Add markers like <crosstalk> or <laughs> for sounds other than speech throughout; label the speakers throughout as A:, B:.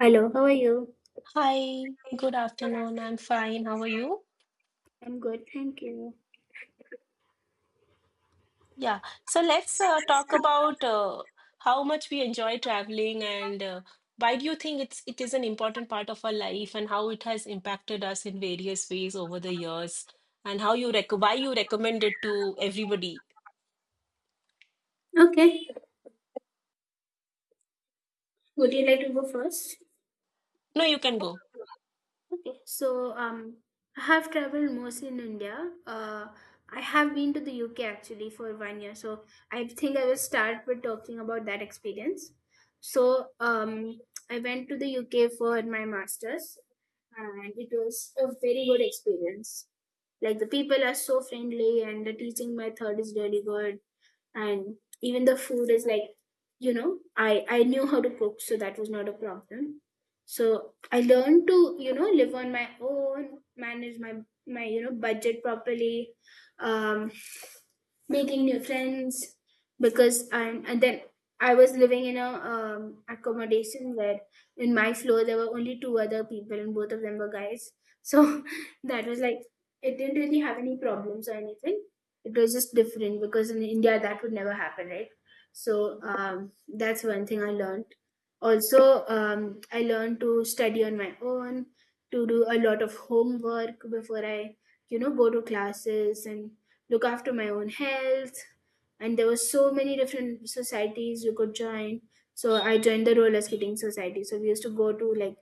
A: Hello, how are you?
B: Hi, good afternoon. I'm fine. How are you?
A: I'm good, thank you.
B: Yeah, so let's talk about how much we enjoy traveling and why do you think it is an important part of our life and how it has impacted us in various ways over the years and how you rec why you recommend it to everybody.
A: Okay, would you like to go first?
B: No, you can go.
A: Okay. So, I have traveled mostly in India. I have been to the UK actually for one year, so I think I will start with talking about that experience. So, I went to the UK for my master's, and it was a very good experience. Like the people are so friendly, and the teaching method is really good. And even the food is like, I knew how to cook, so that was not a problem. So I learned to, live on my own, manage my, budget properly. um Making new friends because I'm, and then I was living in a accommodation where in my floor there were only two other people, and both of them were guys. So <laughs> that was like, it didn't really have any problems or anything. It was just different because in india that would never happen, right? So, that's one thing I learned. Also, I learned to study on my own, to do a lot of homework before I, go to classes, and look after my own health. And there were so many different societies you could join. So I joined the roller skating society, so we used to go to like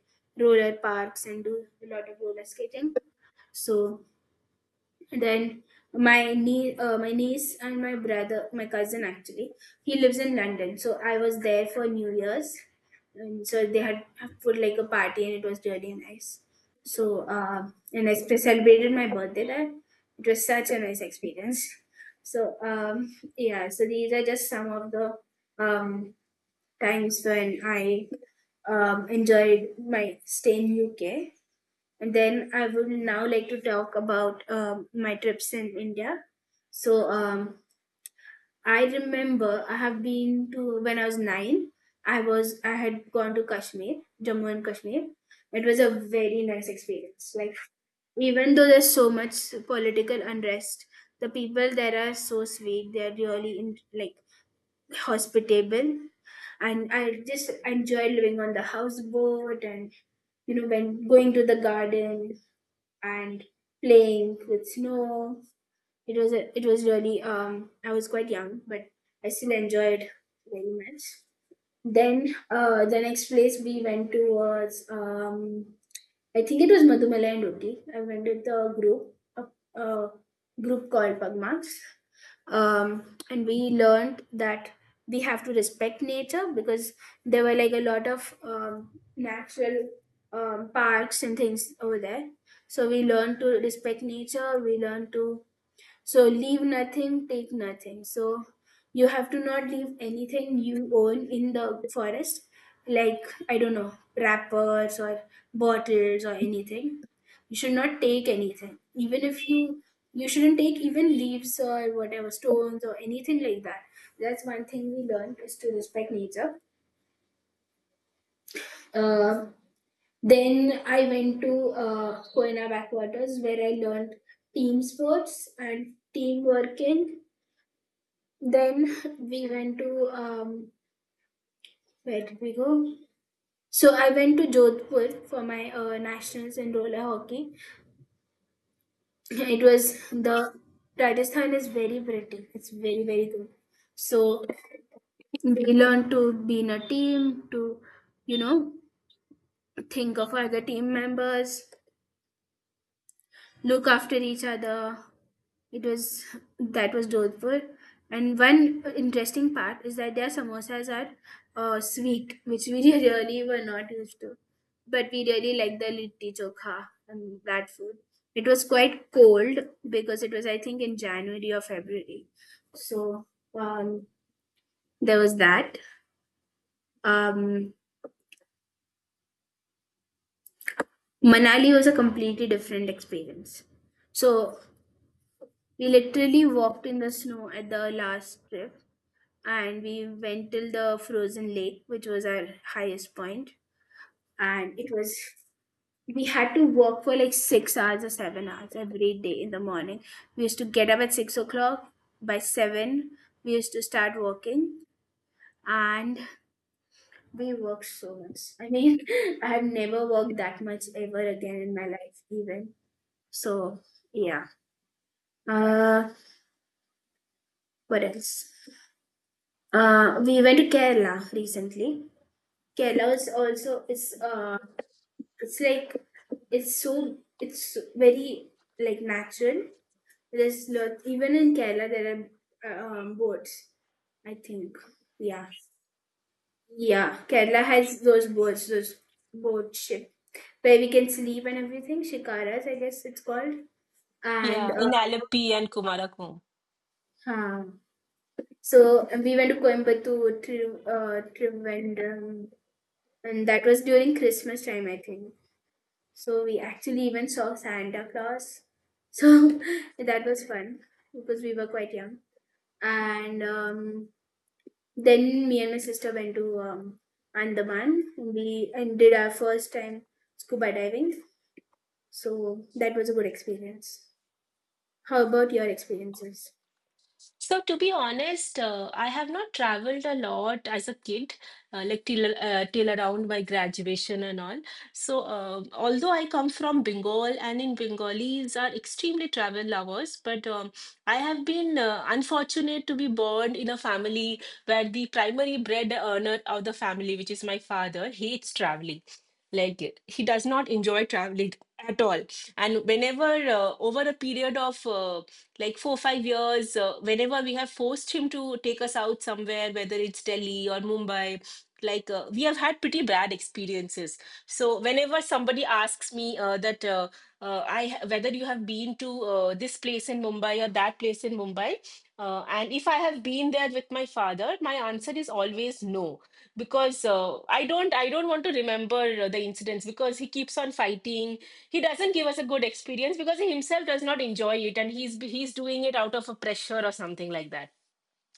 A: roller parks and do a lot of roller skating. So then my niece and my cousin actually, he lives in London, so I was there for new year's. And so they had put like a party, and it was really nice. So, and I celebrated my birthday there. It was such a nice experience. So, yeah, so these are just some of the um times when I enjoyed my stay in UK. And then I would now like to talk about my trips in India. So, I remember I have been to when I was nine. I had gone to Kashmir, Jammu and Kashmir. It was a very nice experience. Like even though there's so much political unrest, the people there are so sweet. They're really, in, like, hospitable, and I just enjoy living on the houseboat and, when going to the garden and playing with snow. It was really I was quite young, but I still enjoyed very much. Then, the next place we went to was, I think it was Madhumala and Uti. I went with the group, a group called Pagmax. And we learned that we have to respect nature because there were like a lot of natural parks and things over there. So we learned to respect nature. We learned to, so, leave nothing, take nothing. So you have to not leave anything you own in the forest, like, I don't know, wrappers or bottles or anything. You should not take anything. Even if you shouldn't take even leaves or whatever, stones or anything like that. That's one thing we learned is to respect nature. Uh, then I went to Koina backwaters where I learned team sports and team working. Then <laughs> we went to, where did we go? So I went to Jodhpur for my nationals in roller hockey. <laughs> It was the Rajasthan is very pretty. It's very, very good. So we learned to be in a team, to, you know think of other team members, look after each other. It was That was doleful. And one interesting part is that their samosas are sweet, which we <laughs> really were not used to. But we really liked the litti chokha and that food. It was quite cold because it was, I think, in January or February. So, um, there was that. Um, Manali was a completely different experience. So we literally walked in the snow at the last trip, and we went till the frozen lake, which was our highest point. And it was we had to walk for like 6 hours or 7 hours every day. In the morning we used to get up at 6 o'clock. By seven we used to start walking. And we worked so much. I mean, <laughs> I have never worked that much ever again in my life, even. So, yeah. uh what else? We went to Kerala recently. Kerala is also is, it's like, it's very, like, natural. There's lot, even in Kerala there are, boats, I think. Yeah, yeah, Kerala has those boats, those boat ship where we can sleep and everything. Shikaras, I guess it's called. And,
B: Yeah, in Alleppey and Kumarakom.
A: huh. So we went to Coimbatore, Trivandrum, and that was during Christmas time, I think. So we actually even saw Santa Claus. So <laughs> that was fun because we were quite young. And then me and my sister went to, Andaman, and we and did our first time scuba diving. So that was a good experience. How about your experiences?
B: So, to be honest, I have not traveled a lot as a kid, like till till around my graduation and all. So, although I come from Bengal, and in Bengalis are extremely travel lovers, but I have been unfortunate to be born in a family where the primary bread earner of the family, which is my father, hates traveling. Like he does not enjoy traveling at all. And whenever over a period of like 4 or 5 years whenever we have forced him to take us out somewhere, whether it's Delhi or Mumbai. Like we have had pretty bad experiences. So whenever somebody asks me whether you have been to this place in Mumbai or that place in Mumbai, and if I have been there with my father, my answer is always no, because I don't want to remember the incidents, because he keeps on fighting. He doesn't give us a good experience because he himself does not enjoy it, and he's doing it out of a pressure or something like that.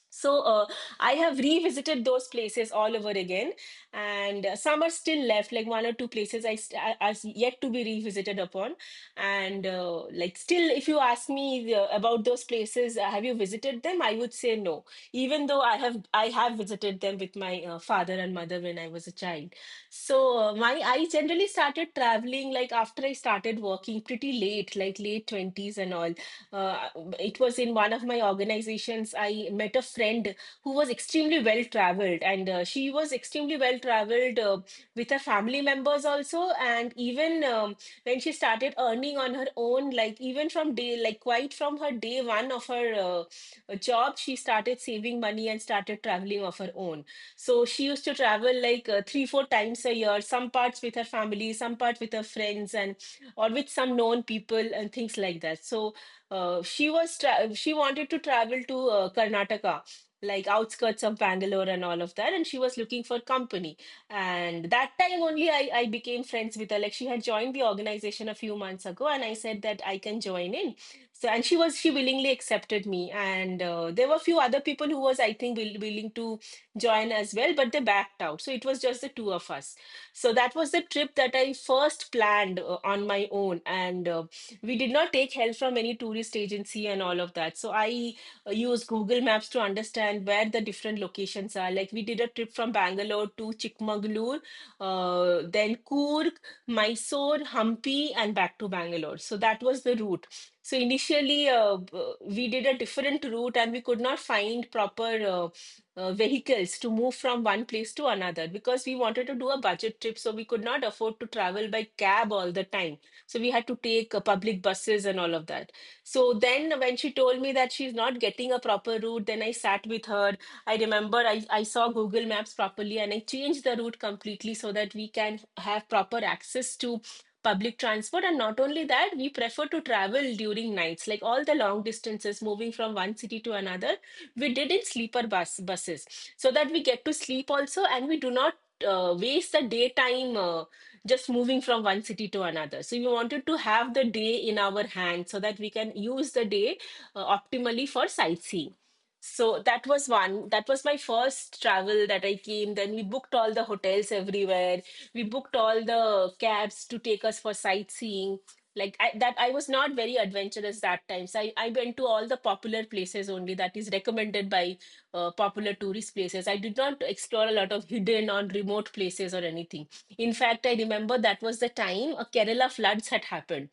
B: So I have revisited those places all over again, and some are still left, like one or two places I st are yet to be revisited upon. And like still, if you ask me about those places, have you visited them? I would say no, even though I have visited them with my father and mother when I was a child. So my I generally started traveling like after I started working pretty late, like late 20s and all. uh, it was in one of my organizations I met a friend who was extremely well traveled, and she was extremely well traveled with her family members also. And even when she started earning on her own, like even from day, like quite from her day one of her job, she started saving money and started traveling of her own. So she used to travel like 3 4 times a year, some parts with her family, some part with her friends, and or with some known people and things like that. So she wanted to travel to Karnataka, like outskirts of Bangalore and all of that, and she was looking for company. And that time only, I became friends with her. Like she had joined the organization a few months ago, and I said that I can join in. So, and she willingly accepted me, and there were a few other people who was I think willing to join as well, but they backed out. So it was just the two of us. So that was the trip that I first planned on my own. And. We did not take help from any tourist agency and all of that. So I use Google Maps to understand where the different locations are. Like we did a trip from Bangalore to Chikmagalur, then Coorg, Mysore, Hampi, and back to Bangalore. So that was the route. So initially, we did a different route and we could not find proper vehicles to move from one place to another, because we wanted to do a budget trip. So we could not afford to travel by cab all the time. So we had to take public buses and all of that. So then when she told me that she's not getting a proper route, then I sat with her. I remember I saw Google Maps properly, and I changed the route completely so that we can have proper access to public transport. And not only that, we prefer to travel during nights, like all the long distances moving from one city to another. We did in sleeper buses so that we get to sleep also, and we do not waste the daytime just moving from one city to another. So we wanted to have the day in our hand so that we can use the day optimally for sightseeing. So that was one. That was my first travel that I came. Then we booked all the hotels everywhere. We booked all the cabs to take us for sightseeing. Like I was not very adventurous that time. So I went to all the popular places only that is recommended by popular tourist places. I did not explore a lot of hidden or remote places or anything. In fact, I remember that was the time Kerala floods had happened.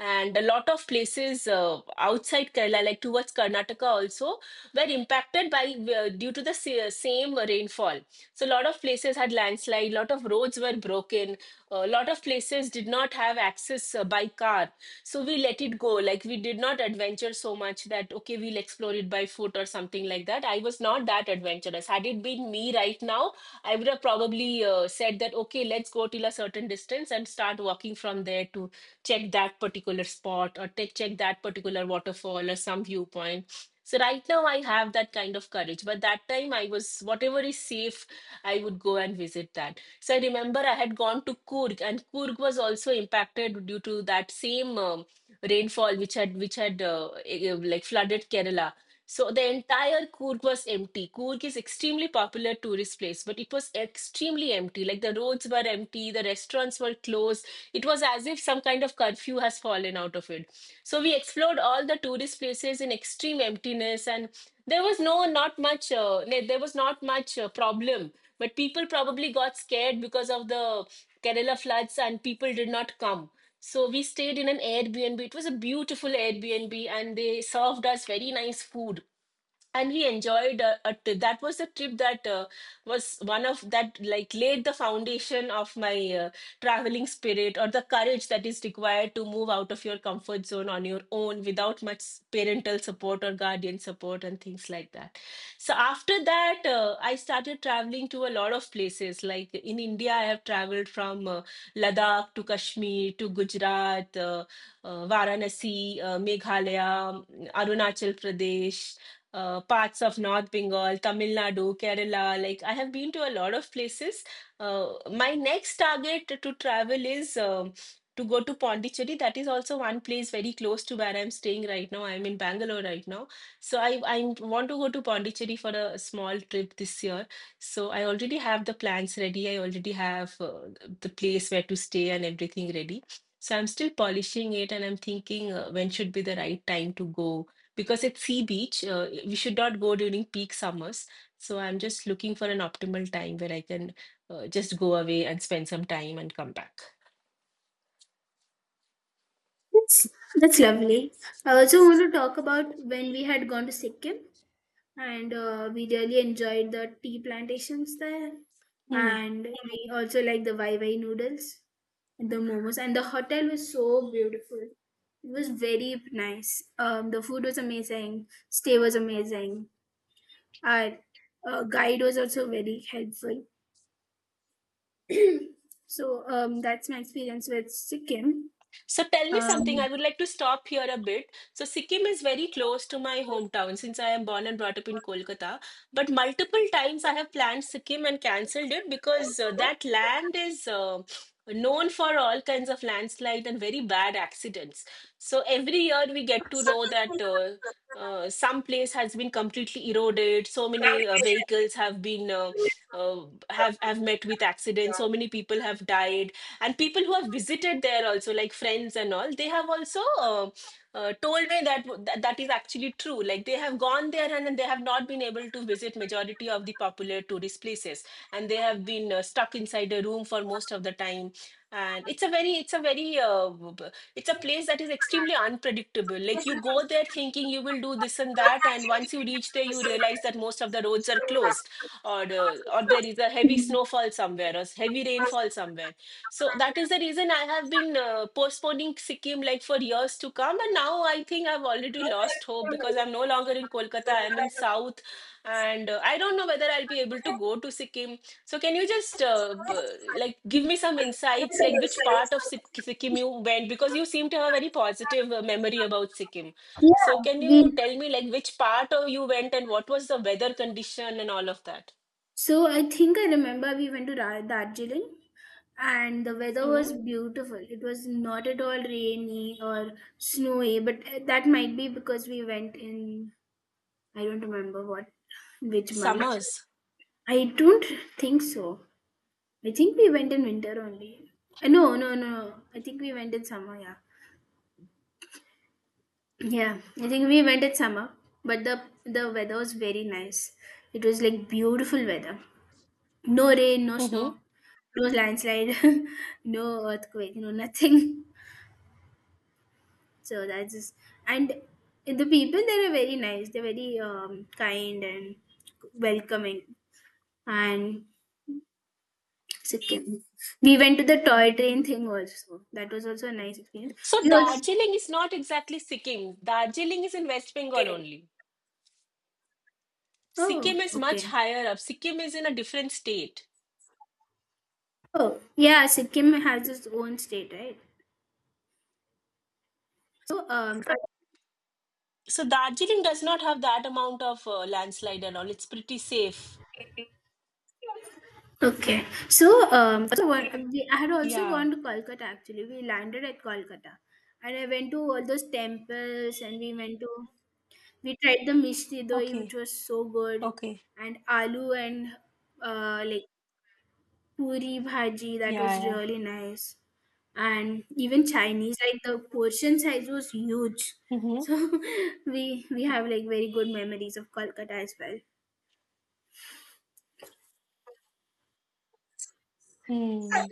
B: And a lot of places outside Kerala, like towards Karnataka also, were impacted by due to the same rainfall. So a lot of places had landslide, a lot of roads were broken, a lot of places did not have access by car. So we let it go. Like we did not adventure so much that, okay, we'll explore it by foot or something like that. I was not that adventurous. Had it been me right now, I would have probably said that, okay, let's go till a certain distance and start walking from there to check that particular spot check that particular waterfall or some viewpoint. So right now I have that kind of courage, but that time I was whatever is safe, I would go and visit that. So I remember I had gone to Kurg, and Kurg was also impacted due to that same rainfall which had like flooded Kerala. So the entire Coorg was empty. Coorg is extremely popular tourist place, but it was extremely empty. Like the roads were empty, the restaurants were closed. It was as if some kind of curfew has fallen out of it. Egypt. So we explored all the tourist places in extreme emptiness, and there was not much. Like, there was not much problem, but people probably got scared because of the Kerala floods, and people did not come. So we stayed in an Airbnb. It was a beautiful Airbnb, and they served us very nice food, and we enjoyed that was a trip that was one of that like laid the foundation of my uh, traveling spirit, or the courage that is required to move out of your comfort zone on your own without much parental support or guardian support and things like that. So after that, I started traveling to a lot of places. Like in India, I have traveled from Ladakh to Kashmir to Gujarat, Varanasi, Meghalaya, Arunachal Pradesh, parts of North Bengal, Tamil Nadu, Kerala. Like I have been to a lot of places. My next target to travel is to go to Pondicherry. That is also one place very close to where I'm staying right now. I'm in Bangalore right now, so I want to go to Pondicherry for a small trip this year. So I already have the plans ready. I already have the place where to stay and everything ready. So I'm still polishing it, and I'm thinking when should be the right time to go, because it's sea beach. We should not go during peak summers. So I'm just looking for an optimal time where I can just go away and spend some time and come back.
A: That's that's lovely. I also want to talk about when we had gone to Sikkim. And we really enjoyed the tea plantations there.
B: Hmm.
A: And we also like the Wai Wai noodles and the momos. And the hotel was so beautiful. It was very nice. The food was amazing. Stay was amazing. Our guide was also very helpful. So, that's my experience with Sikkim.
B: So tell me something. I
A: Um,
B: would like to stop here a bit. So Sikkim is very close to my hometown, since I am born and brought up in Kolkata. But multiple times I have planned Sikkim and cancelled it because that land is known for all kinds of landslide and very bad accidents. So every year we get to know that some place has been completely eroded. So many vehicles have been have met with accidents. So many people have died, and people who have visited there also, like friends and all, they have also told me that that is actually true. Like they have gone there and they have not been able to visit majority of the popular tourist places, and they have been stuck inside a room for most of the time. And it's a very it's a place that is extremely unpredictable. Like you go there thinking you will do this and that, and once you reach there you realize that most of the roads are closed, or or there is a heavy
A: Mm.
B: snowfall somewhere or heavy rainfall somewhere. So that is the reason I have been postponing Sikkim like for years to come, and now I think I've already lost hope because I'm no longer in Kolkata. I'm in South, and I don't know whether I'll be able to go to Sikkim. So can you just like give me some insights, like which part of Sikkim you went? Because you seem to have a very positive memory about Sikkim.
A: Yeah,
B: So can
A: we.
B: you tell me like which part of you went and what was the weather condition and all of that?
A: So I think I remember we went to Darjeeling, and the weather
B: Hmm.
A: was beautiful. It was not at all rainy or snowy, but that might be because we went in, I don't remember what, which month.
B: Summers.
A: I don't think so. I think we went in winter only. No, no, no, no. I think we went in summer, yeah. Yeah, I think we went in summer, but the weather was very nice. It was like beautiful weather. No rain, no snow,
B: Mm-hmm.
A: no landslide, <laughs> no earthquake, no nothing. So that's just, and the people there are very nice. They're very kind and welcoming. And Sikkim. We went to the toy train thing also. That was also a nice experience.
B: So
A: We also.
B: Darjeeling is not exactly Sikkim. Darjeeling is in West Bengal only.
A: Oh,
B: Sikkim is much
A: okay.
B: higher up. Sikkim is in a different state.
A: Oh yeah, Sikkim has its own state, right. So,
B: So Darjeeling does not have that amount of landslide and all. It's pretty safe.
A: okay, so, so I had also
B: Yeah.
A: gone to Kolkata actually. We landed at Kolkata, and I went to all those temples, and we went to we tried the mishti doi, which
B: Okay.
A: was so good,
B: Okay.
A: and aloo, and like puri bhaji, that
B: Yeah.
A: was
B: Yeah.
A: really nice. And even Chinese, like the portion size was huge.
B: Mm-hmm.
A: So <laughs> we have like very good memories of Kolkata as well.
B: Hmm.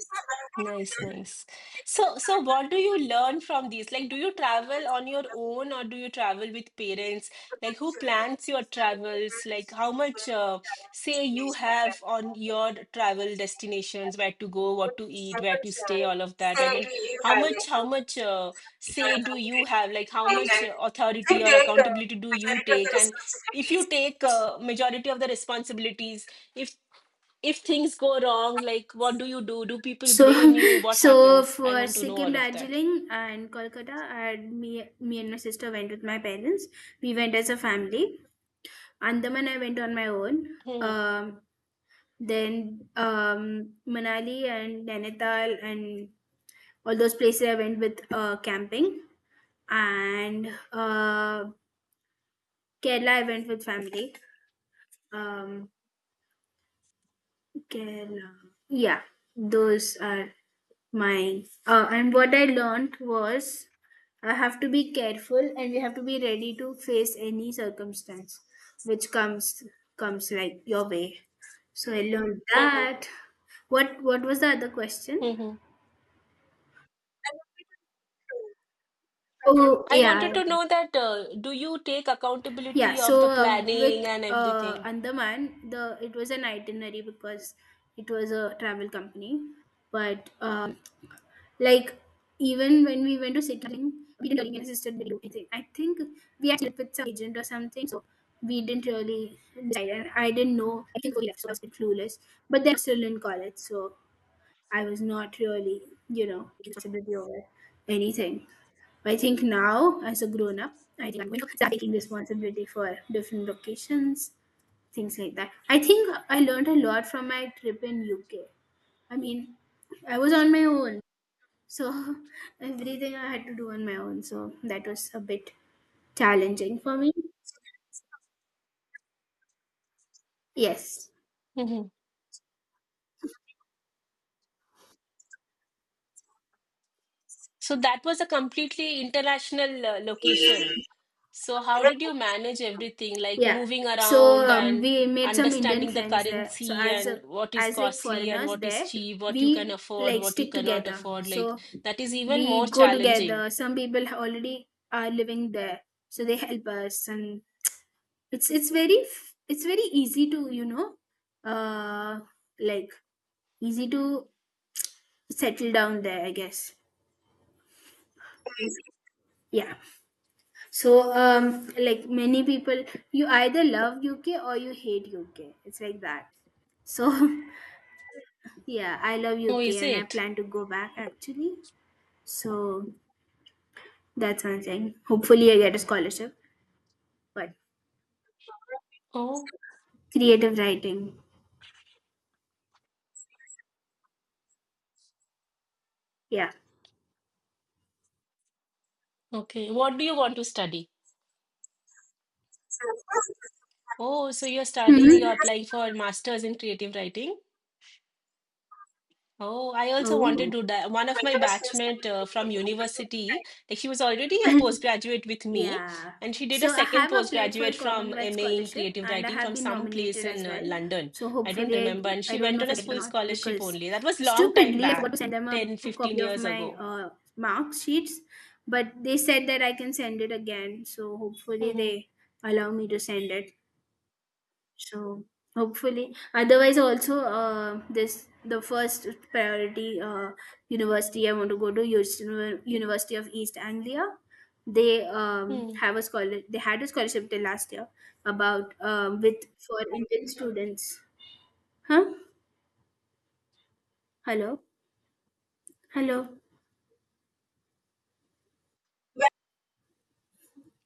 B: Nice, nice. So, so what do you learn from these? Like, do you travel on your own or do you travel with parents? Like, who plans your travels? Like, how much, say, you have on your travel destinations, where to go, what to eat, where to stay, all of that. I mean, how much, say do you have? Like, how much authority or accountability do you take? And if you take, majority of the responsibilities, if if things go wrong, like what do you do? Do people
A: So
B: blame you? What
A: <laughs> so
B: happens? I
A: for
B: want to know
A: Sikkim,
B: all of that.
A: Darjeeling, and Kolkata, and me and my sister went with my parents. We went as a family. Andaman, I went on my own.
B: Hmm.
A: Um, Then, Manali and Nainital and all those places I went with camping. And, Kerala I went with family. Um, Kerala. Yeah, those are my. And what I learned was I have to be careful, and we have to be ready to face any circumstance which comes like your way. So I learned that. What was the other question?
B: Hmm.
A: Oh
B: I wanted
A: yeah.
B: to know that do you take
A: Yeah,
B: accountability of the
A: so,
B: planning
A: with
B: and everything?
A: Andaman, the it was an itinerary because it was a travel company. But, like, even when we went to sitting, we didn't really assisted video anything. I think we actually with some agent or something, so we didn't really decide. And I didn't know. I think we left, so I was a bit clueless. But then I was still in college, so I was not really, taking responsibility over anything. I think now, as a grown up, I think I'm going to start taking responsibility for different locations, things like that. I think I learned a lot from my trip in UK. I mean, I was on my own, so <laughs> everything I had to do on my own. So that was a bit challenging for me. Yes.
B: Hmm. So that was a completely international location. So how did you manage everything, like
A: Yeah.
B: moving
A: So,
B: around and
A: we made some Indian
B: understanding the
A: friends there. So
B: currency
A: as
B: and what is
A: as like
B: costly and
A: foreigners
B: what is
A: there,
B: cheap, what you can
A: we
B: afford,
A: like
B: what you
A: stick
B: cannot
A: together.
B: afford? Like
A: So
B: that is even more
A: we go
B: challenging.
A: together. Some people already are living there, so they help us, and it's very easy to, uh, like easy to settle down there, I guess. Yeah. So, like many people, you either love UK or you hate UK. It's like that. So <laughs> yeah, I love
B: Oh,
A: UK
B: is
A: and I
B: it?
A: plan to go back actually. So that's one thing. Hopefully, I get a scholarship. But
B: Oh.
A: creative writing, yeah.
B: Okay. What do you want to study? Oh, so you're studying, you're
A: Hmm.
B: applying for master's in creative writing. Oh, I also wanted
A: Oh,
B: to do that. One of my batchmate from university, like she was already a
A: <laughs>
B: postgraduate with me,
A: yeah.
B: and she did a
A: So I
B: second
A: have applied for
B: postgraduate from
A: Commonwealth
B: MA in
A: Scholarship
B: creative
A: and I
B: writing
A: have
B: from
A: been
B: some place
A: nominated as
B: in
A: well.
B: London.
A: So
B: I don't
A: hopefully,
B: remember, and
A: I
B: she
A: I don't
B: went
A: know
B: on
A: if
B: a
A: I get it or
B: full
A: not,
B: scholarship
A: because
B: only. That was long time
A: stupidly I forgot to
B: back,
A: send them a
B: ten, fifteen
A: copy of
B: years
A: my
B: ago.
A: mark sheets, but they said that I can send it again. So hopefully
B: Mm-hmm.
A: they allow me to send it. So hopefully, otherwise also, this the first priority university I want to go to, University of East Anglia. They, have a scholar. They had a scholarship till last year about, with for Indian students. Huh? Hello. Hello.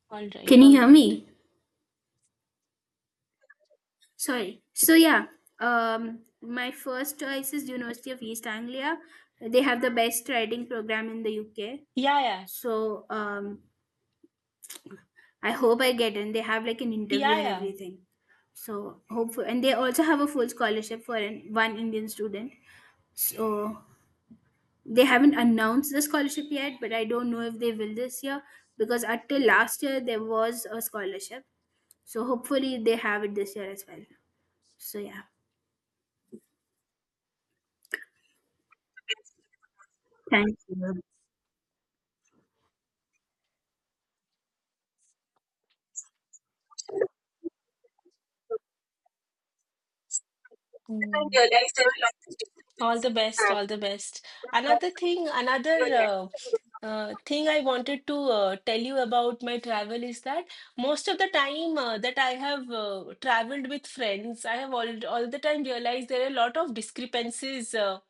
B: All right,
A: Can you
B: all
A: hear
B: right.
A: me? Sorry. So yeah, my first choice is University of East Anglia. They have the best writing program in the UK.
B: Yeah, yeah,
A: So, I hope I get in. They have like an interview and
B: yeah,
A: everything. So hopeful, and they also have a full scholarship for one Indian student. So they haven't announced the scholarship yet, but I don't know if they will this year because until last year there was a scholarship. So hopefully they have it this year as well. So yeah, thank you.
B: yeah. All the best, all the best. Another thing I wanted to tell you about my travel is that most of the time that I have traveled with friends, I have all the time realized there are a lot of discrepancies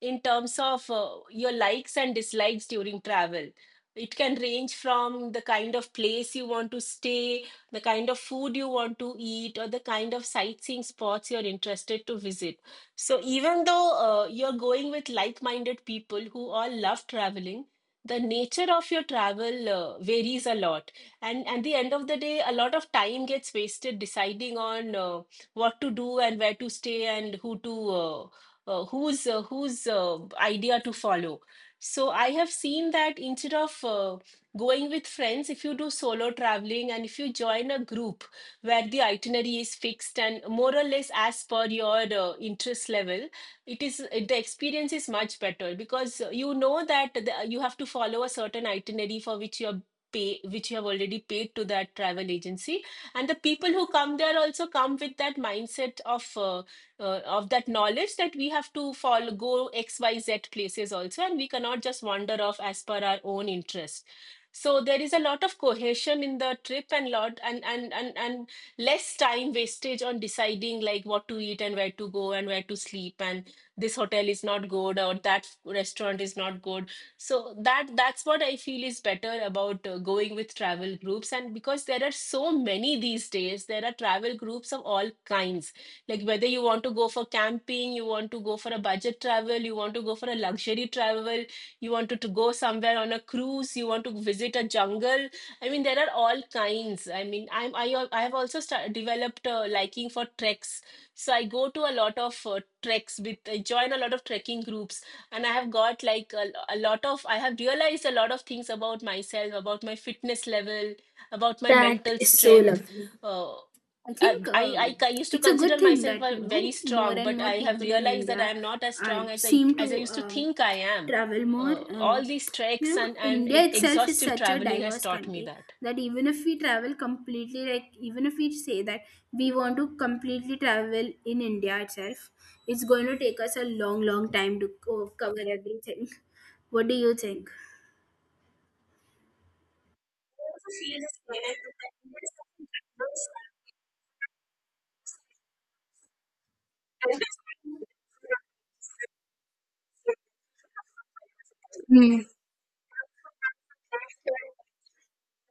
B: in terms of your likes and dislikes during travel. It can range from the kind of place you want to stay, the kind of food you want to eat, or the kind of sightseeing spots you're interested to visit. So, even though you're going with like minded people who all love traveling, the nature of your travel varies a lot. And at the end of the day, a lot of time gets wasted deciding on what to do and where to stay and who to. Whose whose idea to follow. So I have seen that instead of going with friends, if you do solo traveling and if you join a group where the itinerary is fixed and more or less as per your interest level, it is the experience is much better because you know that you have to follow a certain itinerary for which you are pay which you have already paid to that travel agency, and the people who come there also come with that mindset of that knowledge that we have to follow, go XYZ places also, and we cannot just wander off as per our own interest. So there is a lot of cohesion in the trip and lot, and less time wastage on deciding like what to eat and where to go and where to sleep and this hotel is not good or that restaurant is not good. So that's what I feel is better about going with travel groups. And because there are so many, these days there are travel groups of all kinds, like whether you want to go for camping, you want to go for a budget travel, you want to go for a luxury travel, to go somewhere on a cruise, you want to visit a jungle. I mean, there are all kinds. I mean, I have also developed a liking for treks. So I go to a lot of treks with I join a lot of trekking groups, and I have got like a lot of I have realized a lot of things about myself, about my fitness level, about my
A: That
B: mental
A: is so
B: strength.
A: lovely.
B: uh
A: I think,
B: I used to
A: it's a good
B: consider
A: thing
B: myself
A: that,
B: a very
A: more
B: strong,
A: and
B: but
A: more
B: I have
A: people in
B: realized that I
A: India
B: am not as
A: are
B: strong as
A: seem
B: I
A: to,
B: used to think I am.
A: travel more,
B: All
A: and,
B: these treks and
A: India itself is
B: exhaustive
A: such a
B: traveling has
A: diverse
B: taught me
A: country
B: that.
A: that even if we travel completely, like even if we say that we want to completely travel in India itself, it's going to take us a long, long time to cover everything. What do you think? Hmm.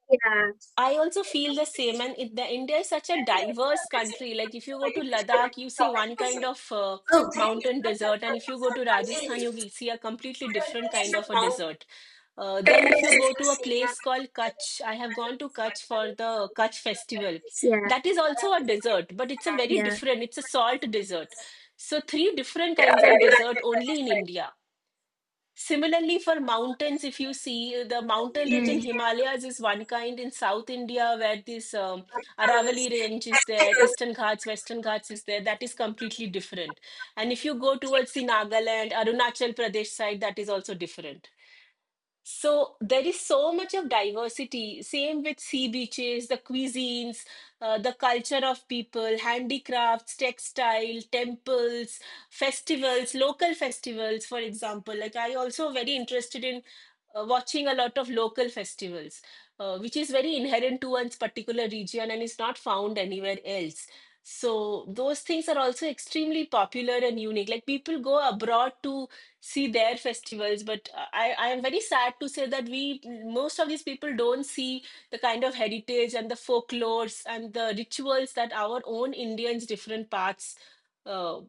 A: Yeah.
B: I also feel the same, and the India is such a diverse country. Like if you go to Ladakh, you see one kind of
A: Oh.
B: mountain desert, and if you go to Rajasthan, you will see a completely different kind of a desert.
A: Yeah,
B: Then if you go to a place called Kutch, I have gone to Kutch for the Kutch festival. That is also a desert, but it's a very
A: yeah.
B: different. It's a salt desert. So three different kinds of desert only in India. Similarly, for mountains, if you see the mountain range in
A: Mm.
B: Himalayas is one kind. In South India where this Aravalli range is there, Eastern Ghats, Western Ghats is there, that is completely different. And if you go towards the Nagaland, Arunachal Pradesh side, that is also different. So there is so much of diversity. Same with sea beaches, the cuisines, the culture of people, handicrafts, textile, temples, festivals, local festivals, for example. Like I also very interested in watching a lot of local festivals, which is very inherent to one's particular region and is not found anywhere else. So those things are also extremely popular and unique. Like people go abroad to see their festivals, but I am very sad to say that we most of these people don't see the kind of heritage and the folklores and the rituals that our own indians different parts uh,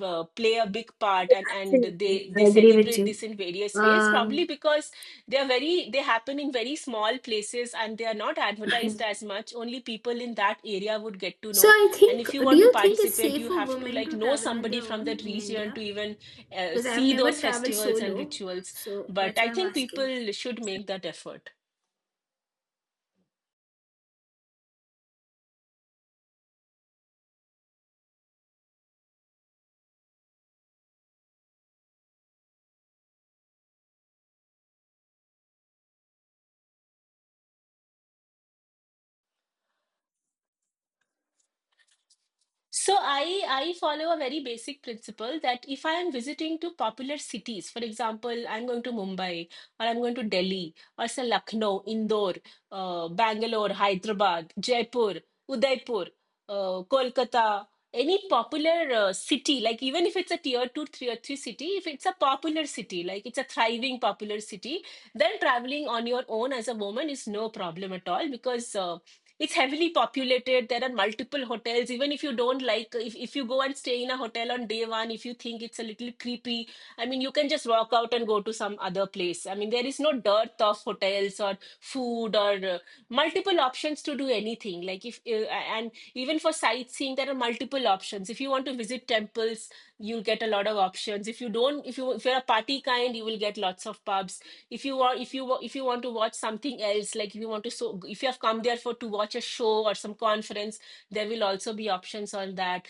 B: play a big part, and they celebrate this in various ways, probably
A: Um,
B: because they happen in very small places and they are not
A: I-
B: advertised as much. Only people in that area would get to
A: so
B: know,
A: I
B: and
A: think,
B: if you
A: do
B: want to
A: you think it's
B: participate
A: safe
B: you
A: for
B: have to
A: women
B: like
A: to
B: know
A: travel on
B: somebody
A: their
B: from
A: own
B: that
A: in
B: region
A: India?
B: to even
A: Because I've
B: see
A: never
B: those
A: traveled
B: festivals and
A: solo,
B: rituals.
A: so
B: But
A: that's why
B: I
A: I'm
B: think
A: asking.
B: people should make that effort. So I follow a very basic principle that if I am visiting to popular cities, for example, I'm going to Mumbai or I'm going to Delhi, or say Lucknow, Indore, Bangalore, Hyderabad, Jaipur, Udaipur, Kolkata, any popular city, like even if it's a tier two, three or three city, if it's a popular city, like it's a thriving popular city, then traveling on your own as a woman is no problem at all, because it's heavily populated, there are multiple hotels. Even if you don't like, if you go and stay in a hotel on day one, if you think it's a little creepy, I mean, you can just walk out and go to some other place. I mean, there is no dearth of hotels or food or multiple options to do anything. Like if and even for sightseeing, there are multiple options. If you want to visit temples, you'll get a lot of options. If you don't, if you if you're a party kind, you will get lots of pubs. If you want, if you want to watch something else, like if you want to, so if you have come there for to watch a show or some conference, there will also be options on that.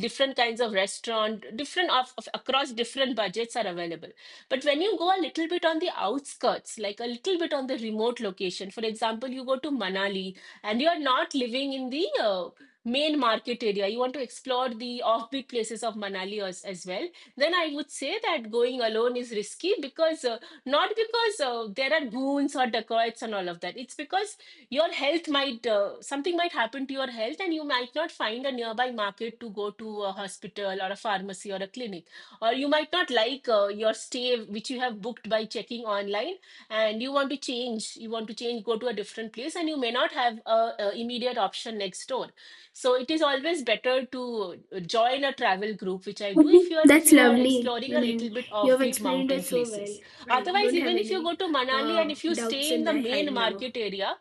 B: Different kinds of restaurant, of across different budgets are available. But when you go a little bit on the outskirts, like a little bit on the remote location, for example, you go to Manali and you are not living in the main market area, you want to explore the offbeat places of Manali as well, then I would say that going alone is risky because not because there are goons or dacoits and all of that. It's because your health might, something might happen to your health and you might not find a nearby market to go to a hospital or a pharmacy or a clinic. Or you might not like your stay, which you have booked by checking online and you want to change go to a different place and you may not have a immediate option next door so it is always better to join a travel group, which I do if
A: That's
B: you are
A: lovely.
B: exploring
A: I
B: a little
A: mean,
B: bit
A: you have
B: offbeat
A: explained
B: mountain
A: it so well.
B: places.
A: I
B: Otherwise,
A: don't have
B: even if you go
A: any
B: to Manali and if you
A: doubts
B: stay in
A: in
B: the
A: my head
B: main
A: now.
B: market area,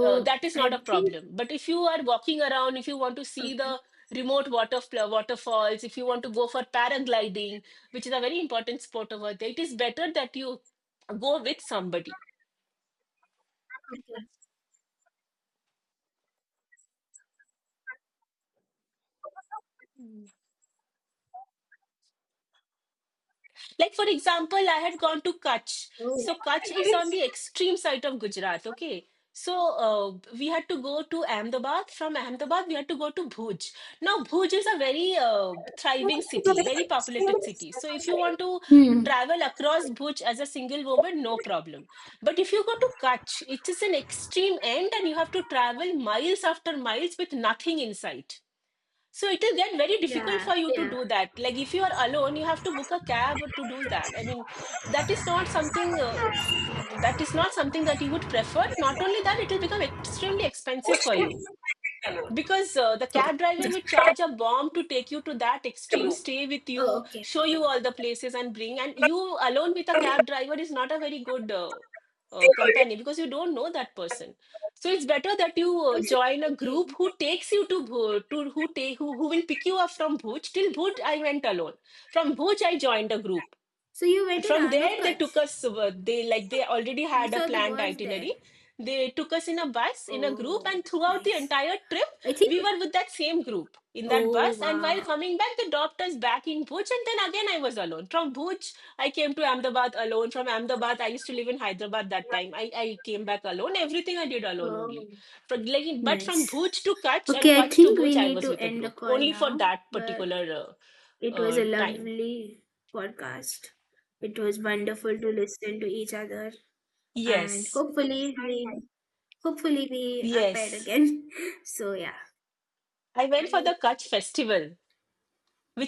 B: that is not a
A: I think,
B: problem. But if you are walking around, if you want to see
A: okay,
B: the remote water waterfalls, if you want to go for paragliding, which is a very important sport over there, it is better that you go with somebody.
A: okay.
B: Like, for example, I had gone to Kutch.
A: Oh.
B: So, Kutch is on the extreme side of Gujarat, okay? So, uh, we had to go to Ahmedabad. From Ahmedabad, we had to go to Bhuj. Now, Bhuj is a very thriving city, very populated city. So, if you want to
A: Hmm.
B: travel across Bhuj as a single woman, no problem. But if you go to Kutch, it is an extreme end and you have to travel miles after miles with nothing in sight, so it is then very difficult
A: Yeah,
B: for you to
A: yeah.
B: do that. Like, if you are alone, you have to book a cab to do that. I mean, that is not something uh, that is not something that you would prefer. Not only that, it will become extremely expensive for you because the
A: Okay.
B: cab driver
A: Just.
B: will charge a bomb to take you to that extreme stay with you,
A: Oh, okay,
B: show
A: okay.
B: you all the
A: I
B: places and bring, and you alone with a cab driver is not a very good company because you don't know that person, so it's better that you
A: was
B: join a group
A: thinking.
B: who takes you to Bhuj, to who take who will pick you up from Bhuj. Till Bhuj I went alone, from Bhuj I joined a group
A: So you
B: and
A: went to
B: from
A: Ran
B: there,
A: of
B: they took
A: Kutch.
B: us, they already
A: You
B: had a
A: saw the
B: planned
A: birds
B: itinerary.
A: there.
B: They took us in a bus, in a group,
A: Oh,
B: and throughout the
A: nice.
B: entire trip,
A: I think.
B: we were with that same group in that
A: Oh,
B: bus. And while
A: wow.
B: coming back, they dropped us back in Bhuj, and then again, I was alone. From Bhuj, I came to Ahmedabad alone. From Ahmedabad, I used to live in Hyderabad that time. I came back alone. Everything I did alone only.
A: Oh,
B: From, like, but from
A: nice.
B: Bhuj to Kutch and
A: Okay, I
B: Kutch to
A: think
B: Bhuj,
A: we
B: I
A: need
B: was
A: to
B: with a
A: end the
B: group
A: call
B: only for
A: now.
B: that
A: But
B: particular
A: it was a
B: time.
A: lovely podcast. It was wonderful to listen to each other, and
B: Yes,
A: hopefully we are paired
B: yes.
A: again. <laughs> So yeah,
B: I went for the
A: bye.
B: Kutch festival, which